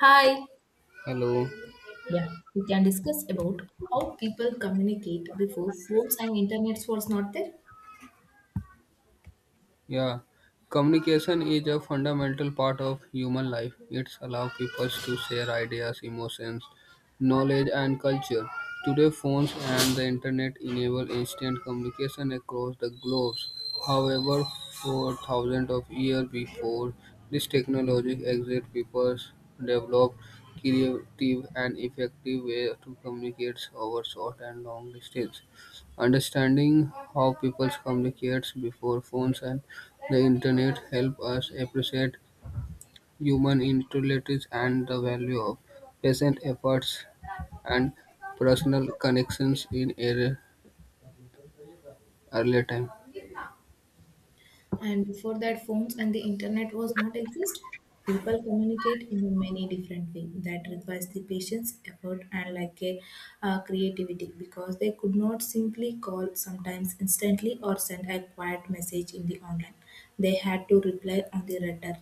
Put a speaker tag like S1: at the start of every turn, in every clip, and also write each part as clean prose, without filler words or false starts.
S1: Hi.
S2: Hello.
S1: Yeah, we can discuss about how people communicate before phones and internet was not there.
S2: Yeah. Communication is a fundamental part of human life. It allows people to share ideas, emotions, knowledge and culture. Today phones and the internet enable instant communication across the globe. However, for thousands of years before this technology existed, people developed creative and effective ways to communicate over short and long distance. Understanding how people communicate before phones and the internet help us appreciate human intelligence and the value of patient efforts and personal connections in early time.
S1: And before that phones and the internet was not exist people communicate in many different ways that requires the patience effort and like a creativity because they could not simply call sometimes instantly or send a quiet message in the online they had to reply on the letter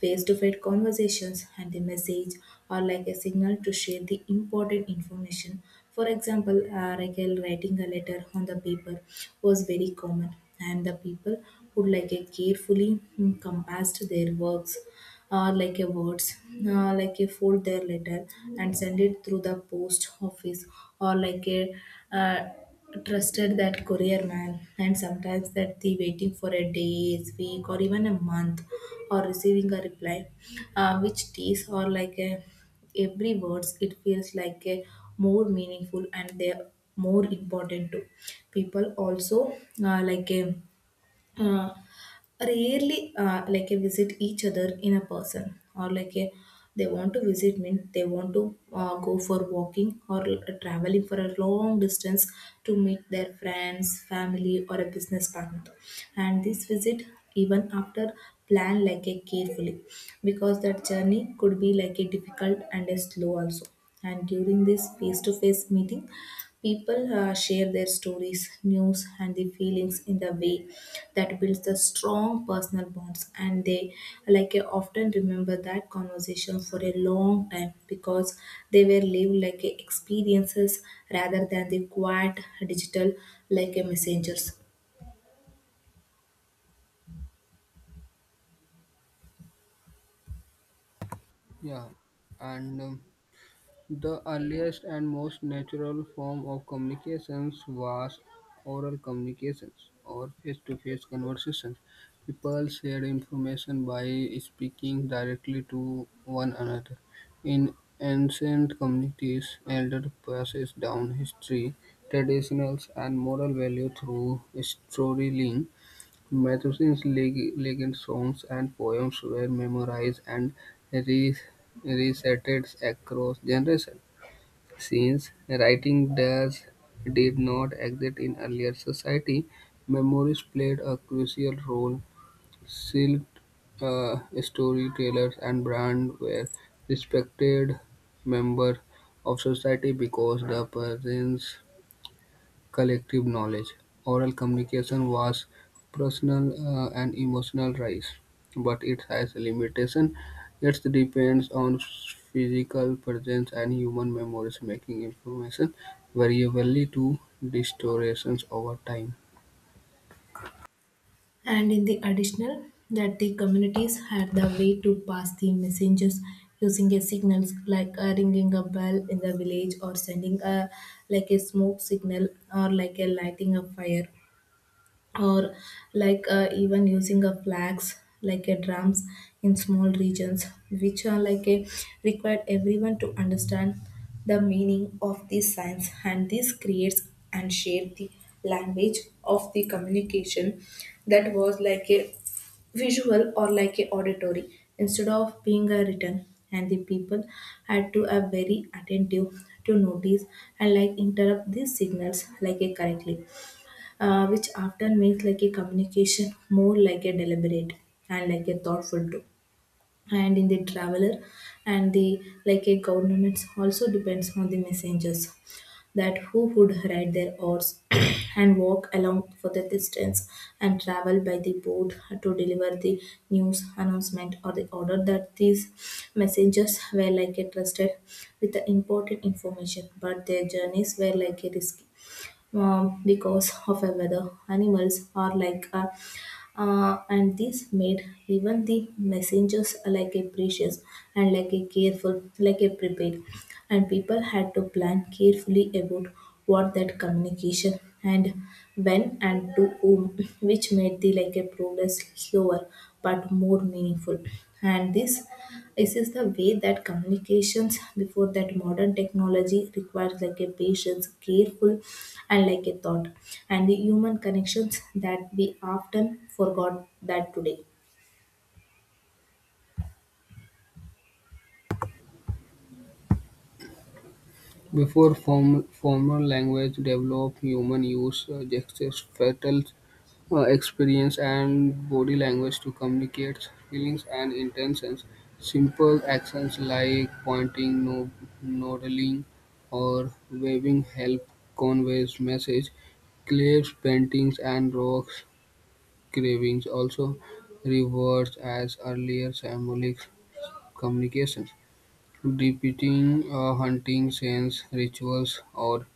S1: face-to-face conversations and the message are like a signal to share the important information. For example writing a letter on the paper was very common and the people would like a carefully compassed their works like a words like a fold their letter and send it through the post office or like a uh, trusted that courier man and sometimes that the waiting for a days week or even a month or receiving a reply, which days or like a every words it feels like a more meaningful and they're more important to people also, like a uh, rarely like a visit each other in a person or like a they want to visit means they want to go for walking or traveling for a long distance to meet their friends family or a business partner. And this visit even after plan like a carefully because that journey could be like a difficult and a slow also. And during this face to face meeting, people share their stories, news, and the feelings in the way that builds the strong personal bonds. And they like I often remember that conversation for a long time because they were lived like a experiences rather than the quiet digital like a messengers.
S2: Yeah, and the earliest and most natural form of communications was oral communications or face-to-face conversations. People shared information by speaking directly to one another. In ancient communities, elders passed down history, traditions, and moral values through storytelling. Myths, legends, songs, and poems were memorized and re- recited across generations. Since writing does did not exist in earlier society, memoirs played a crucial role. Skilled storytellers and brand were respected members of society because the presence collective knowledge. Oral communication was personal and emotional rise, but it has limitation. It depends on physical presence and human memories, making information variably to distortions over time.
S1: And in the additional, that the communities had the way to pass the messengers using a signals like ringing a bell in the village or sending a like a smoke signal or like a lighting a fire or even using a flags like a drums in small regions which are like a required everyone to understand the meaning of these signs and this creates and shape the language of the communication that was like a visual or like a auditory instead of being a written. And the people had to are very attentive to notice and like interrupt these signals like a correctly, which often makes like a communication more like a deliberate and like a thoughtful too. And in the traveler and the like a government also depends on the messengers that who would ride their horse and walk along for the distance and travel by the boat to deliver the news announcement or the order that these messengers were like a trusted with the important information, but their journeys were like a risky because of a weather. Animals are like, and this made even the messengers like a precious and like a careful, like a prepared. And people had to plan carefully about what that communication and when and to whom, which made the like a progress slower but more meaningful. And this is the way that communications before that modern technology requires like a patience, careful and like a thought, and the human connections that we often forgot that today.
S2: Formal language developed, human use gestures, facial experience and body language to communicate feelings and intentions. Simple actions like pointing, nodding, or waving help conveys message. Cliffs, paintings, and rocks carvings also rewards as earlier symbolic communications depicting a hunting scenes, rituals, or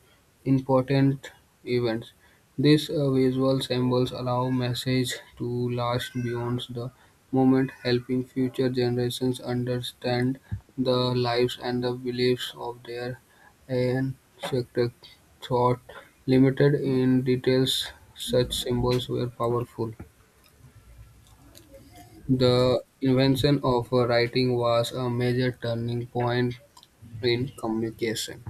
S2: important events. These visual symbols allow message to last beyond the moment, helping future generations understand the lives and the beliefs of their ancestors. Thought limited in details, such symbols were powerful. The invention of writing was a major turning point in communication.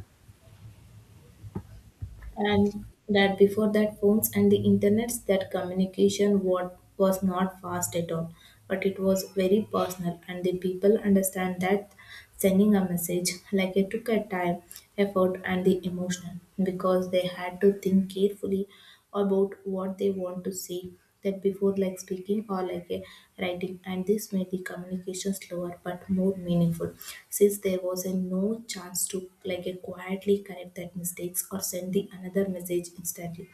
S1: And that before that phones and the internets that communication what was not fast at all, but it was very personal and the people understand that sending a message like it took a time, effort and the emotion because they had to think carefully about what they want to say than before, like speaking or like a writing, and this made the communication slower but more meaningful, since there was a no chance to like a quietly correct that mistakes or send the another message instantly.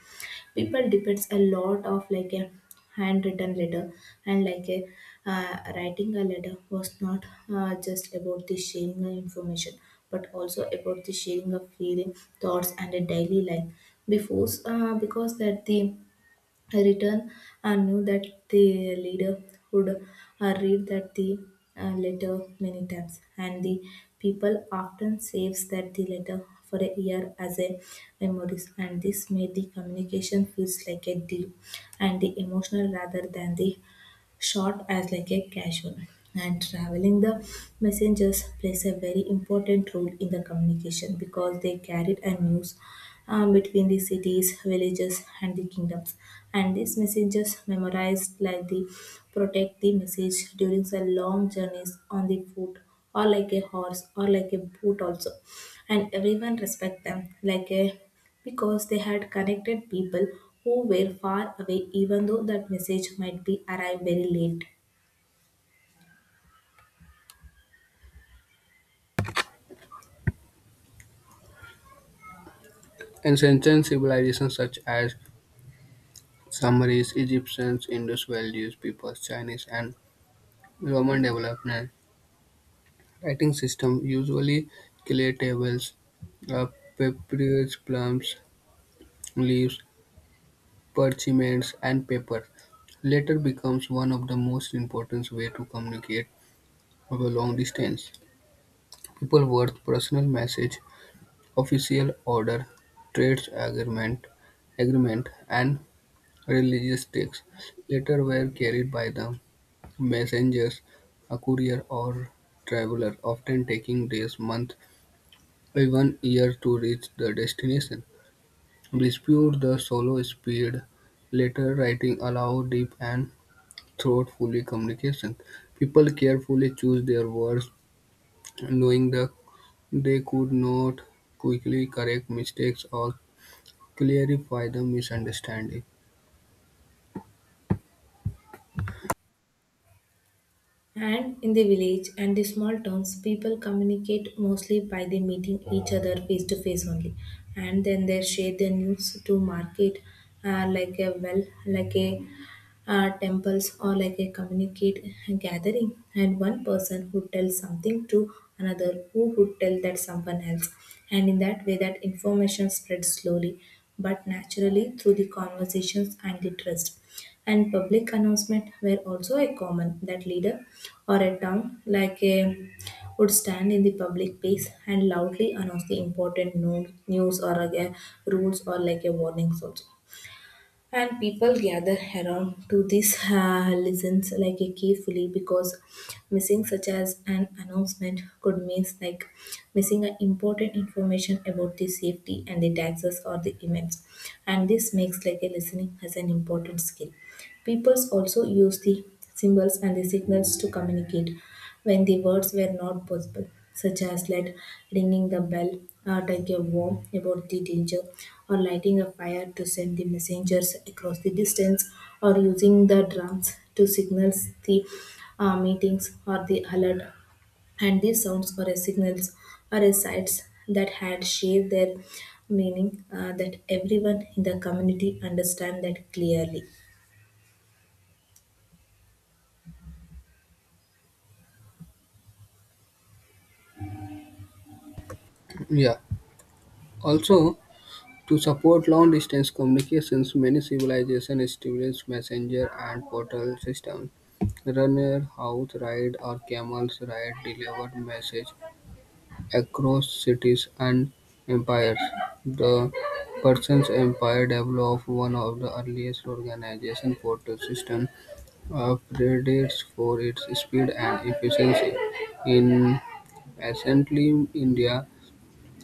S1: People depends a lot of like a handwritten letter and like a writing a letter was not just about the sharing of information but also about the sharing of feeling thoughts and a daily life before because that the return and knew that the leader would read that the letter many times and the people often saves that the letter for a year as a memories and this made the communication feels like a deep and the emotional rather than the short as like a casual. And traveling the messengers plays a very important role in the communication because they carried a news between the cities, villages, and the kingdoms. And these messages memorized like the protect the message during the long journeys on the foot or like a horse or like a boot also. And everyone respect them like a because they had connected people who were far away even though that message might be arrived very late.
S2: Ancient civilizations such as Sumerians, Egyptians, Indus Valley peoples, Chinese, and Roman developed a writing system, usually clay tables, uh, papyrus plums, leaves, parchments, and paper. Later becomes one of the most important way to communicate over long distance. People wrote personal message, official order, trades agreement, and religious texts. Later were carried by them messengers, a courier or traveler, often taking days, months, even years to reach the destination. Dispute the solo speed. Letter writing allow deep and thoughtful communication. People carefully choose their words, knowing that they could not quickly correct mistakes or clarify the misunderstanding.
S1: And in the village and the small towns, people communicate mostly by the meeting each other face to face only, and then they share their news to market, like a well, like a temples or like a communicate gathering and one person who tells something to another who would tell that someone else and in that way that information spreads slowly but naturally through the conversations and the trust. And public announcement were also a common that leader or a town like a would stand in the public place and loudly announce the important news or like a rules or like a warnings also, and people gather around to this listens like a carefully because missing such as an announcement could mean like missing an important information about the safety and the taxes or the events, and this makes like a listening as an important skill. Peoples also used the symbols and the signals to communicate when the words were not possible, such as like ringing the bell, like a warn about the danger, or lighting a fire to send the messengers across the distance, or using the drums to signal the meetings or the alert. And these sounds or signals are sites that had shared their meaning, that everyone in the community understand that clearly.
S2: Yeah. Also, to support long-distance communications, many civilizations established messenger and portal systems. Runner horse ride or camel's ride delivered message across cities and empires. The Persian Empire developed one of the earliest organization portal systems, praised for its speed and efficiency. In ancient India,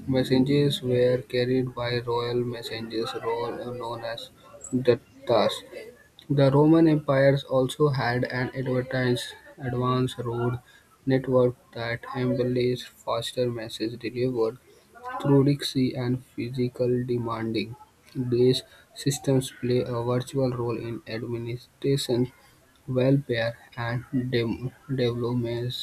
S2: messages were carried by royal messengers known as "duttas". The Roman Empire also had an advanced road network that enabled faster message delivery through sea and physical demanding. These systems play a virtual role in administration, welfare, and development.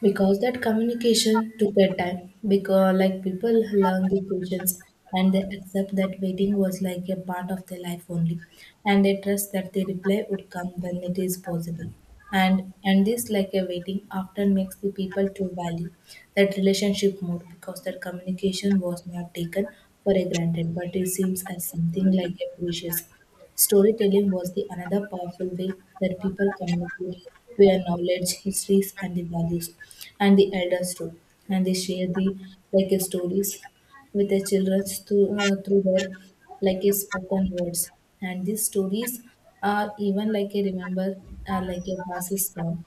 S1: Because that communication took their time because like people learn the patience and they accept that waiting was like a part of their life only and they trust that the reply would come when it is possible, and this like a waiting often makes the people to value that relationship more because their communication was not taken for a granted but it seems as something like a precious. Storytelling was the another powerful way that people communicate their knowledge, histories, and the values, and the elders too, and they share the stories with their children through their like a spoken words, and these stories are even like a remember are like a passes down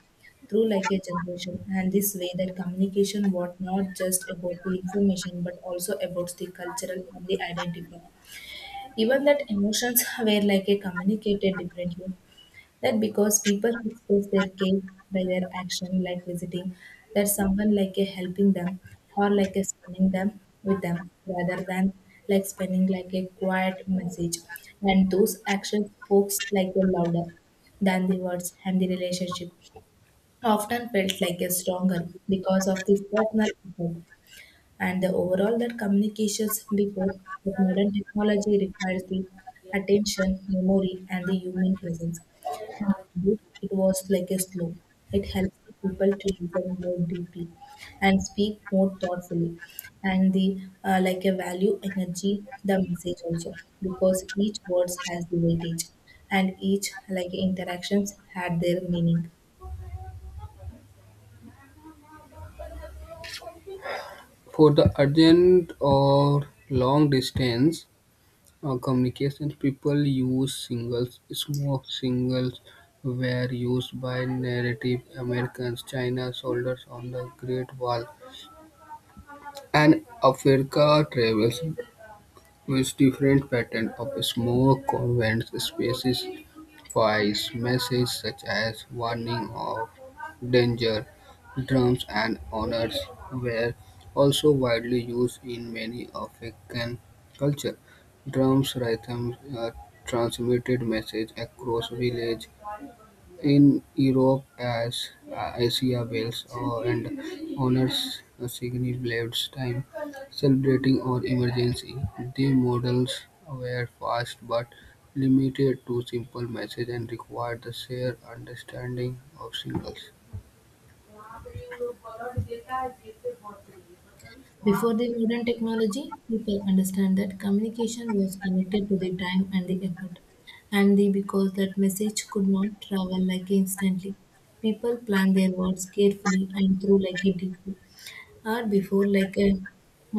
S1: through like a generation and this way that communication was not just about the information but also about the cultural and the identity. Even that emotions were like a communicated differently. That because people express their care by their action, like visiting, that someone like a helping them or like a spending them with them rather than like spending like a quiet message. And those actions folks like a louder than the words and the relationship often felt like a stronger because of this personal effort and the overall that communications before that modern technology requires the attention memory and the human presence, and it was like a slow it helps the people to listen more deeply and speak more thoughtfully and the like a value energy the message also because each words has the weightage and each like interactions had their meaning.
S2: For the urgent or long distance communications people use singles; smoke signals were used by Native Americans, China soldiers on the Great Wall, and Africa travels with different patterns of smoke conveyed specific messages such as warning of danger drums and honors were also widely used in many African culture. Drums rhythms transmitted message across village. In Europe as Asia bells and honors a significant blades time celebrating or emergency. The models were fast but limited to simple message and required the shared understanding of symbols.
S1: Before the modern technology, people understand that communication was connected to the time and the effort, and the because that message could not travel like instantly. People plan their words carefully and through like a deeply, or before like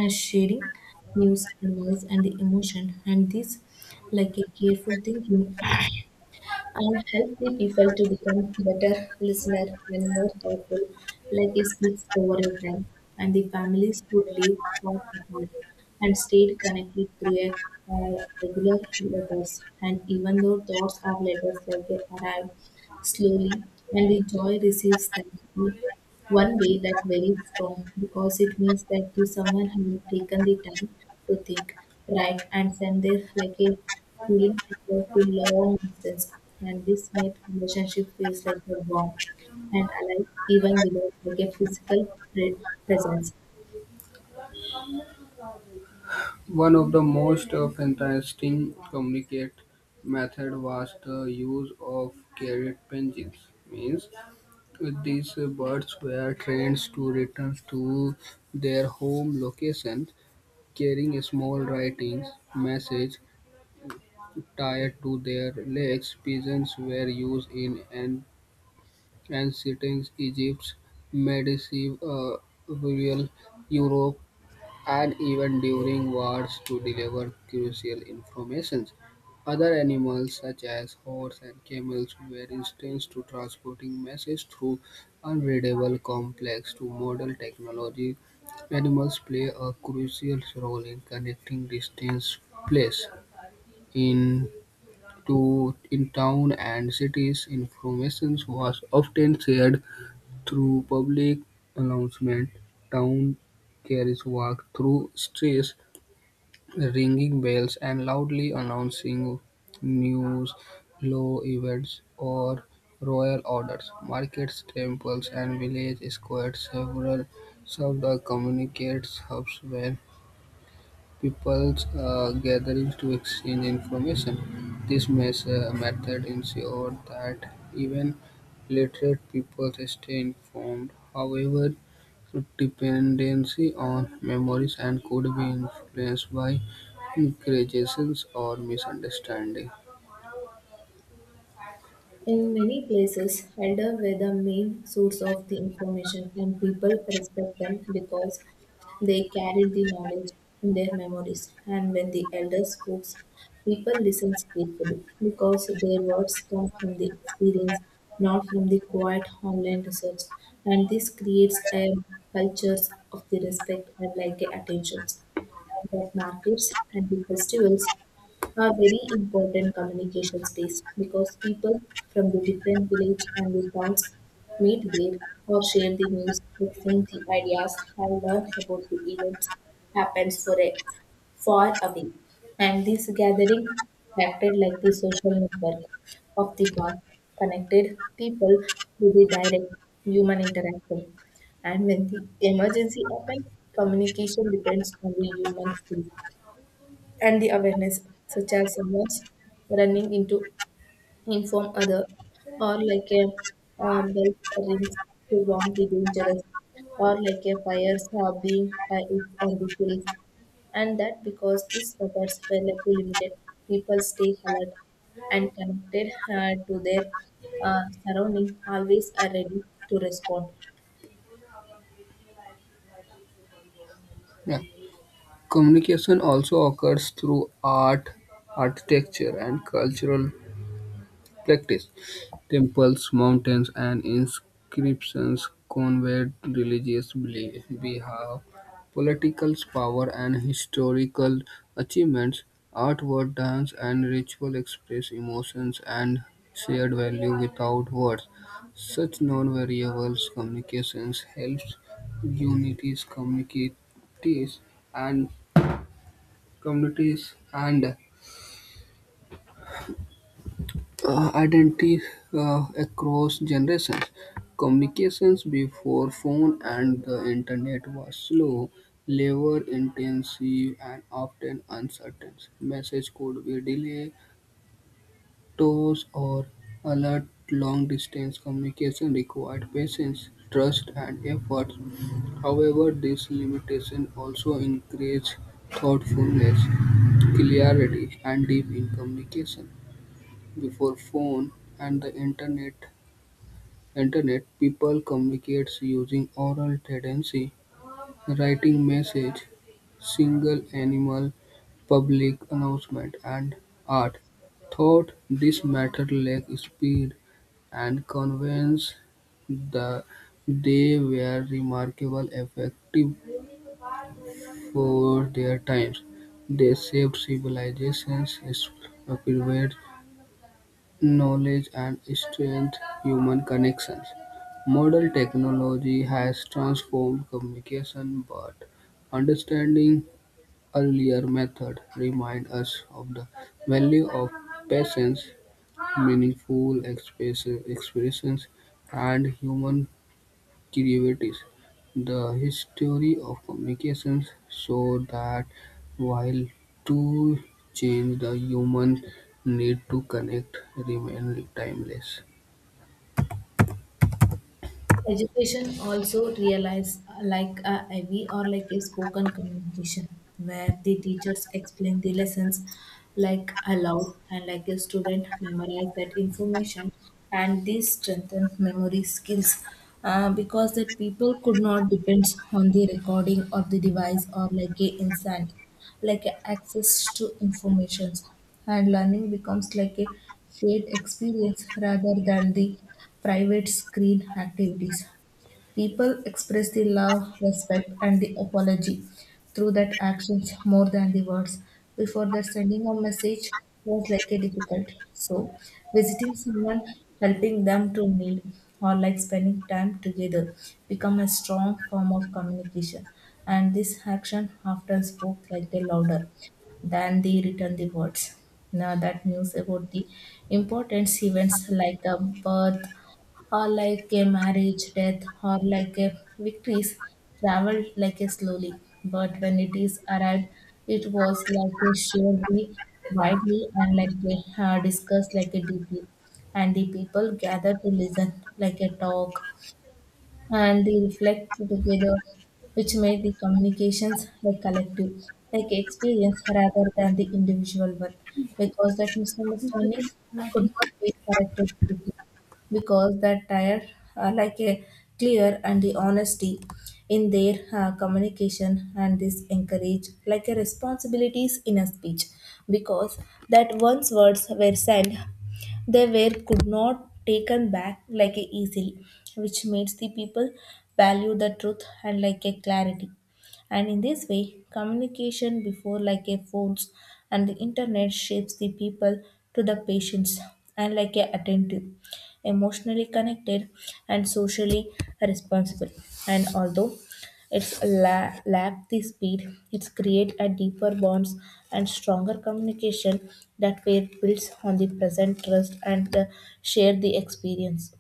S1: a sharing news, advice, and the emotion, and this like a careful thinking and help the people to become better listener and more thoughtful, like a speech over a time. And the families would live far apart and stayed connected through a regular letters. And even though thoughts are letters like they arrive slowly, and the joy receives them one way that very strong because it means that the someone has taken the time to think write, and send this like a feeling across the long distance and this made relationship feels like a bond and alive even without like a physical pre- presence.
S2: One of the most interesting communicate method was the use of carrier pigeons. Means these birds were trained to return to their home locations carrying small writings message tied to their legs. Pigeons were used in ancient Egypt, medieval rural Europe, and even during wars to deliver crucial information. Other animals such as horse and camels were introduced to transporting messages through unreadable complex to model technology. Animals play a crucial role in connecting distant places in to in town and cities. Information was often shared through public announcement, town carriage walk through streets ringing bells and loudly announcing news, law events, or royal orders. Markets, temples, and village squares several served as communicate hubs where people's gatherings to exchange information. This method ensures that even literate people stay informed. However, dependency on memories and could be influenced by exaggerations or misunderstanding.
S1: In many places, elder were the main source of the information, and people respect them because they carried the knowledge in their memories. And when the elder spoke, people listened carefully because their words come from the experience, not from the quiet online research. And this creates a culture of the respect and like the attentions, and that markets and the festivals a very important communication space because people from the different village and the towns meet there or share the news, exchange the ideas, and learn about the events happens for a far away. And this gathering acted like the social network of the past, connected people to the direct human interaction. And when the emergency happens, communication depends on the human skill and the awareness, such as someone's running into inform other, or like a bell rings to warn the dangerous, or like a fires are being fired on the hills, and that because these efforts were like limited, people stay alert and connected to their surrounding, always are ready to respond.
S2: Yeah. Communication also occurs through art, architecture, and cultural practice. Temples, mountains, and inscriptions conveyed religious belief. We have political power and historical achievements. Artwork, dance, and ritual express emotions and shared value without words. Such non-variable communications helps unities, and communities and identity across generations. Communications before phone and the internet was slow, labor intensive, and often uncertain. Message could be delayed, toss or alert. Long distance communication required patience, trust, and effort. However, this limitation also encouraged thoughtfulness, clarity, and deep in communication. Before phone and the internet people communicates using oral tendency, writing message, single animal, public announcement, and art. Thought this matter lack speed and conveyance, the, they were remarkable effective for their times. They saved civilizations, spread knowledge and strength, human connections. Modern technology has transformed communication, but understanding earlier methods remind us of the value of patience, meaningful expressions, and human derivatives. The history of communications shows that while tools change, the human need to connect remains timeless.
S1: Education also realize like a IVY or like a spoken communication where the teachers explain the lessons like aloud and like a student memorize that information, and this strengthen memory skills because that people could not depend on the recording or the device or like a instant like access to information, and learning becomes like a shared experience rather than the private screen activities. People express the love, respect, and the apology through that actions more than the words. Before that, sending a message was like a difficult. So, visiting someone, helping them to need, or like spending time together become a strong form of communication. And this action often spoke like a louder than the written the words. Now that news about the importance events like a birth, or like a marriage, death, or like a victories, traveled like a slowly. But when it is arrived, it was like a shared widely and like a discussed like a deeply. And the people gathered to listen, like a talk, and they reflect together, which make the communications a collective, like experience rather than the individual one, because that misunderstanding could not be corrected quickly, because that tire are like a clear and the honesty in their communication, and this encourage like a responsibilities in a speech because that once words were said they were could not taken back like a easily, which makes the people value the truth and like a clarity. And in this way, communication before like a phones and the internet shapes the people to the patients and like a attentive, emotionally connected and socially responsible. And although it's lack the speed. It's create a deeper bonds and stronger communication that were builds on the present trust and share the experience.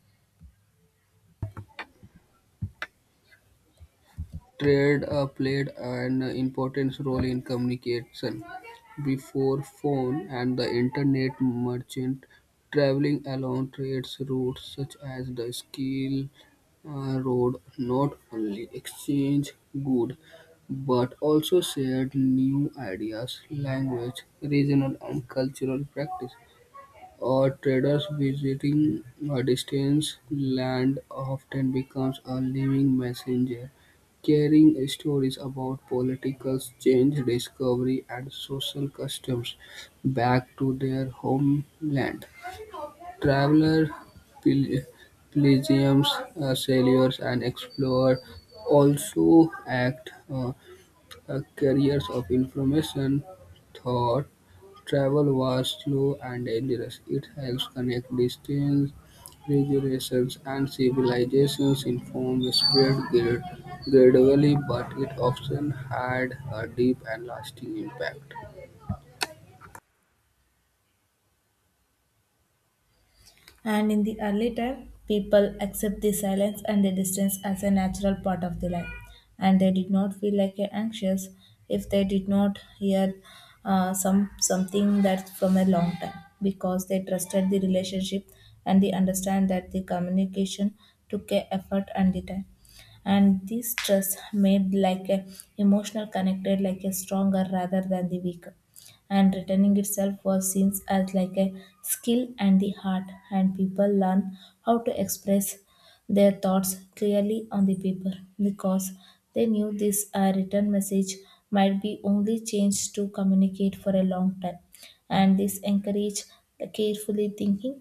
S2: Trade played an important role in communication. Before phone and the internet, merchant traveling along trade routes such as the Silk Road not only exchanged goods but also shared new ideas, language, regional, and cultural practice. Or traders visiting a distant land often becomes a living messenger, carrying stories about political change, discovery, and social customs back to their homeland. Traveler pel- pilgrims, sailors, and explorers also act, carriers of information thought travel was slow and dangerous; it helps connect distant regions and civilizations. In form spread gradually, but it often had a deep and lasting impact.
S1: And in the early time, people accept the silence and the distance as a natural part of the life, and they did not feel like a anxious if they did not hear something that from a long time because they trusted the relationship and they understand that the communication took a effort and the time, and this trust made like a emotional connected like a stronger rather than the weaker, and returning itself was seen as like a skill and the heart, and people learn how to express their thoughts clearly on the paper because they knew this written message might be only changed to communicate for a long time, and this encourage the carefully thinking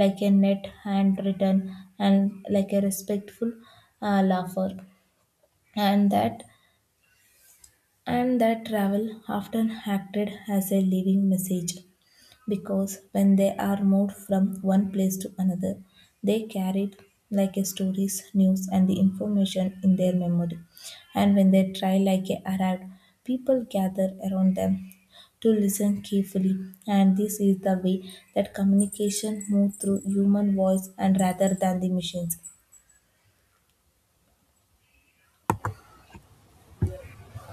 S1: like a net handwritten and like a respectful laugher. And that and that travel often acted as a living message because when they are moved from one place to another, they carry it like a stories, news, and the information in their memory. And when they try like a arrived, people gather around them to listen carefully. And this is the way that communication moves through human voice and rather than the machines.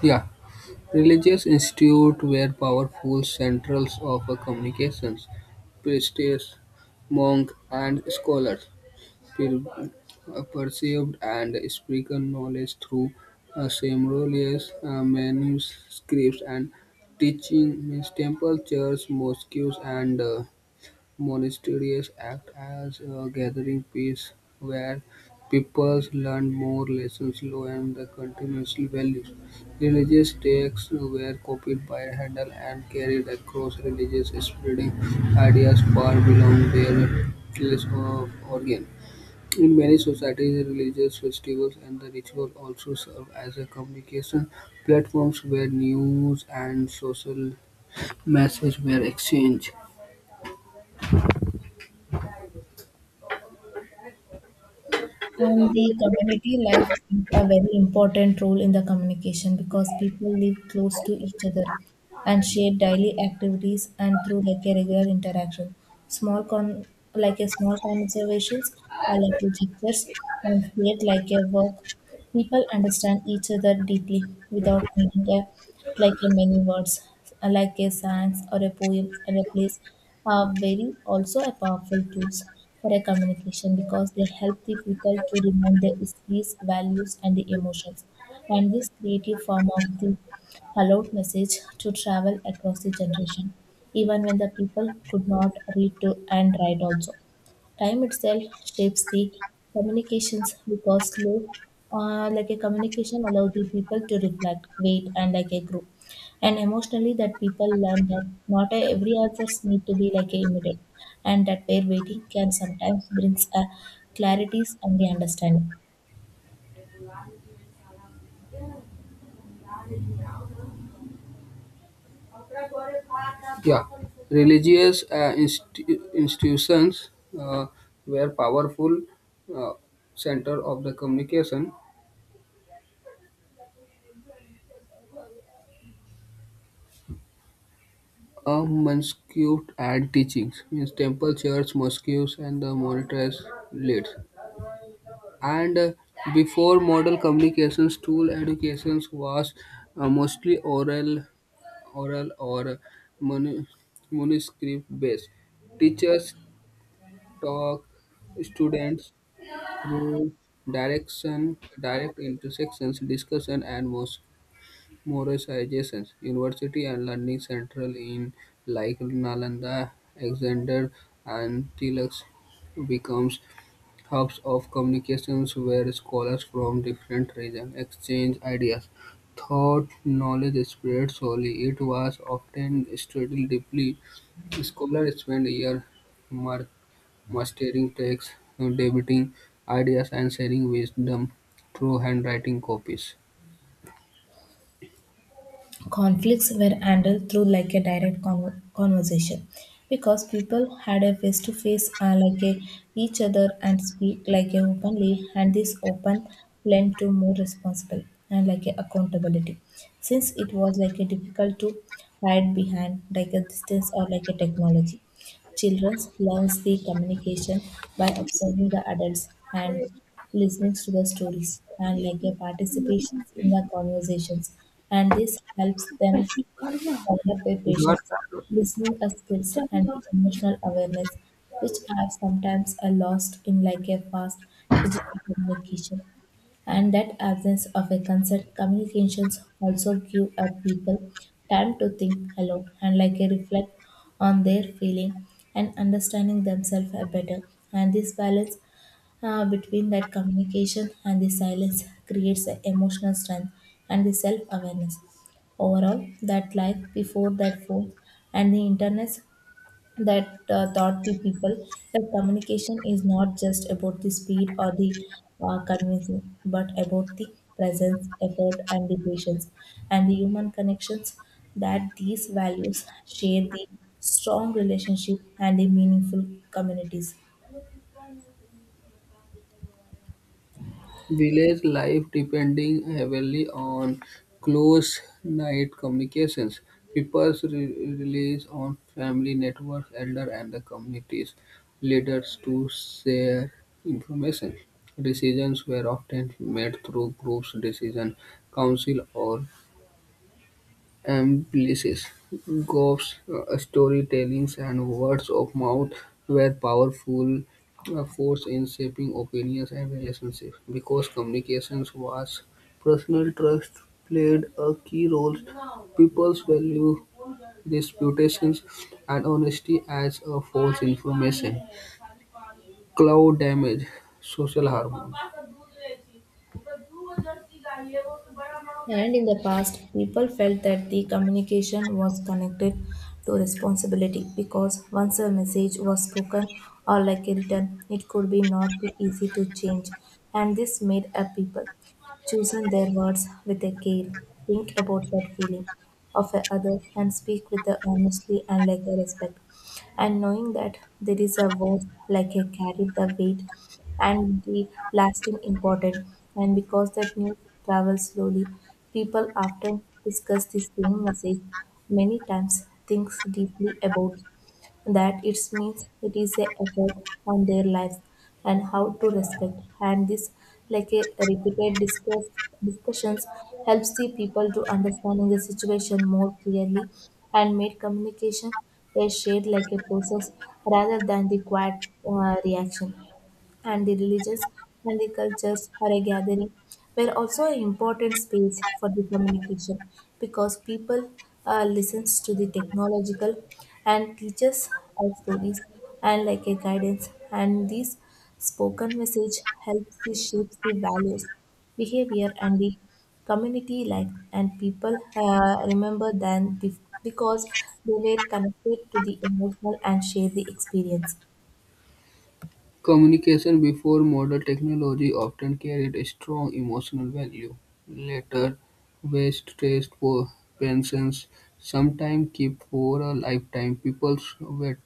S2: Yeah, religious institutes were powerful centrals of communications, priests, monks, and scholars. Perceived and spoken knowledge through ceremonies, manuscripts, and teaching means temples, churches, mosques, and monasteries act as a gathering place where people learn more lessons, law, and the continuous values. Religious texts were copied by Handel and carried across religious spreading ideas far beyond their place of origin. In many societies, religious festivals and the ritual also serve as a communication platforms where news and social messages were exchanged.
S1: And the community life a very important role in the communication because people live close to each other and share daily activities and through like a regular interaction. Small con like a small conversations are like the gestures and create like a work. People understand each other deeply without needing a, like a many words, like a song or a poem or a place are very also a powerful tools for a communication because they help the people to remove their histories, values and the emotions. And this creative form of the allowed message to travel across the generation, even when the people could not read to and write. Also, time itself shapes the communications because slow like a communication allows the people to reflect wait and like a grow and emotionally, that people learn that not every answers need to be like a immediate and that their waiting can sometimes brings a clarities and the understanding.
S2: Yeah, religious institutions uh, were powerful uh, center of the communication. A mosque and teachings means temple, church, mosques, and the monasteries leads. And Before modern communications tool education was mostly oral or manu- manuscript based teachers talk students through direct intersections discussion and most Morris adjacent University and Learning central in like Nalanda, Alexander and Tbilisi becomes hubs of communications where scholars from different regions exchange ideas. Thought, knowledge spread slowly, it was often studied deeply. Scholars spent years mar- mastering texts, debating ideas, and sharing wisdom through handwriting copies.
S1: Conflicts were handled through like a direct conversation because people had a face to face like a, each other and speak like a openly, and this open led to more responsible and like a accountability since it was like a difficult to hide behind like a distance or like a technology. Children learns the communication by observing the adults and listening to the stories and like a participation in the conversations. And this helps them to develop their
S2: It was
S1: patience, listening skills, and the emotional awareness, which are sometimes a lost in like a fast digital communication, and that absence of a consent communications also give a people time to think alone and like a reflect on their feeling and understanding themselves a better, and this balance between that communication and the silence creates a emotional strength and the self-awareness. Overall, that life before that phone and the internet that taught the people that communication is not just about the speed or the convincing, but about the presence, effort, and the patience, and the human connections. That these values shape the strong relationship and the meaningful communities.
S2: village life depending heavily on close night communications. Peoples rely on family networks, elder, and the communities leaders to share information. Decisions were often made through groups, decision council, or Amplices, ghost storytellings, and words of mouth were powerful force in shaping opinions and relationships. Because communications was personal, trust played a key role. People's value disputations and honesty as a false information. Cloud damage, social harmony.
S1: And in the past, people felt that the communication was connected to responsibility because once a message was spoken or like written, it could be not be easy to change. And this made a people choosing their words with a care, think about that feeling of a other and speak with the honestly and like a respect, and knowing that there is a word like a carry the weight and the lasting important. And because that news travels slowly, people often discuss the same message many times, thinks deeply about that it means it is a effort on their lives and how to respect, and this like a repeated discussions helps the people to understanding the situation more clearly and made communication a shared like a process rather than the quiet reaction. And the religions and the cultures or a gathering were also an important space for the communication because people listens to the technological and teaches our stories and like a guidance, and this spoken message helps to shape the values, behavior, and the community life, and people remember than because they were connected to the emotional and share the experience.
S2: Communication before modern technology often carried a strong emotional value. Letters, waste traced for pensions, sometimes kept for a lifetime.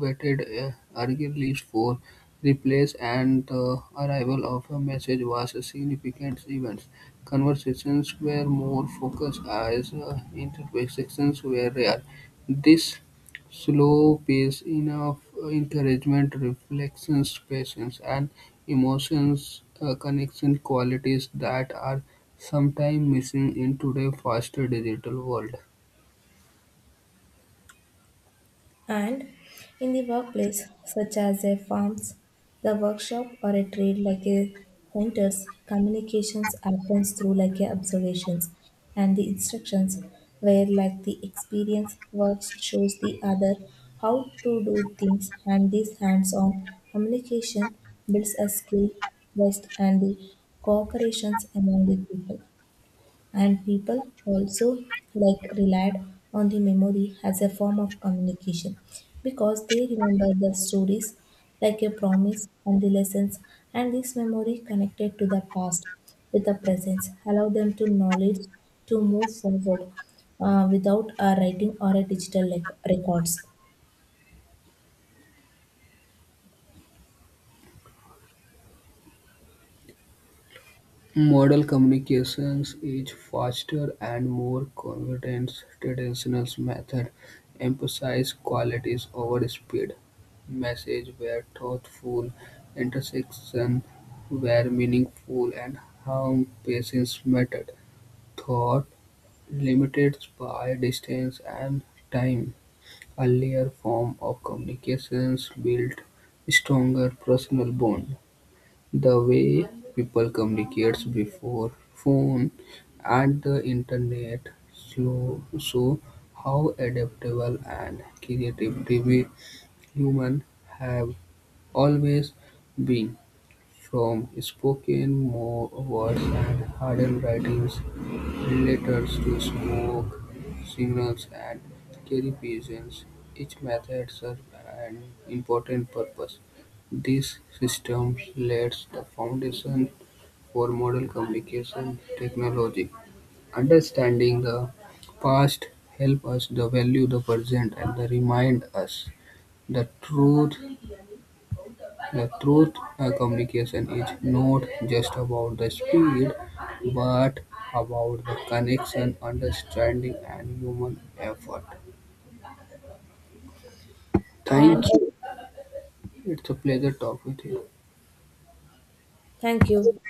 S2: Waited eagerly for replies, and the arrival of a message was a significant event. Conversations were more focused as interactions were rare. This slow pace, enough encouragement, reflections, patience, and emotion-connection qualities that are sometimes missing in today's faster digital world.
S1: And in the workplace, such as a farms, the workshop or a trade like a centers, communications happens through like a observations and the instructions where like the experience works shows the other how to do things, and this hands-on communication builds a skill, trust and the cooperations among the people. And people also like relied on the memory as a form of communication because they remember the stories like a promise and the lessons, and this memory connected to the past with the present allow them to knowledge to move forward without a writing or a digital records.
S2: Model communications is faster and more convenient. Traditional method emphasize qualities over speed. Message were thoughtful, intersection were meaningful, and how patience mattered. Thought limited by distance and time, earlier forms of communications built stronger personal bonds, the way people communicated before phone and the internet show how adaptable and creative we human have always been. From spoken more words and hardened writings letters to smoke signals and carry pigeons. Each method serves an important purpose. These systems laid the foundation for modern communication technology. Understanding the past helps us to value the present and the remind us the truth the truth communication is not just about the speed, but about the connection, understanding, and human effort. Thank
S1: And
S2: you. It's a pleasure talking with you.
S1: thank you.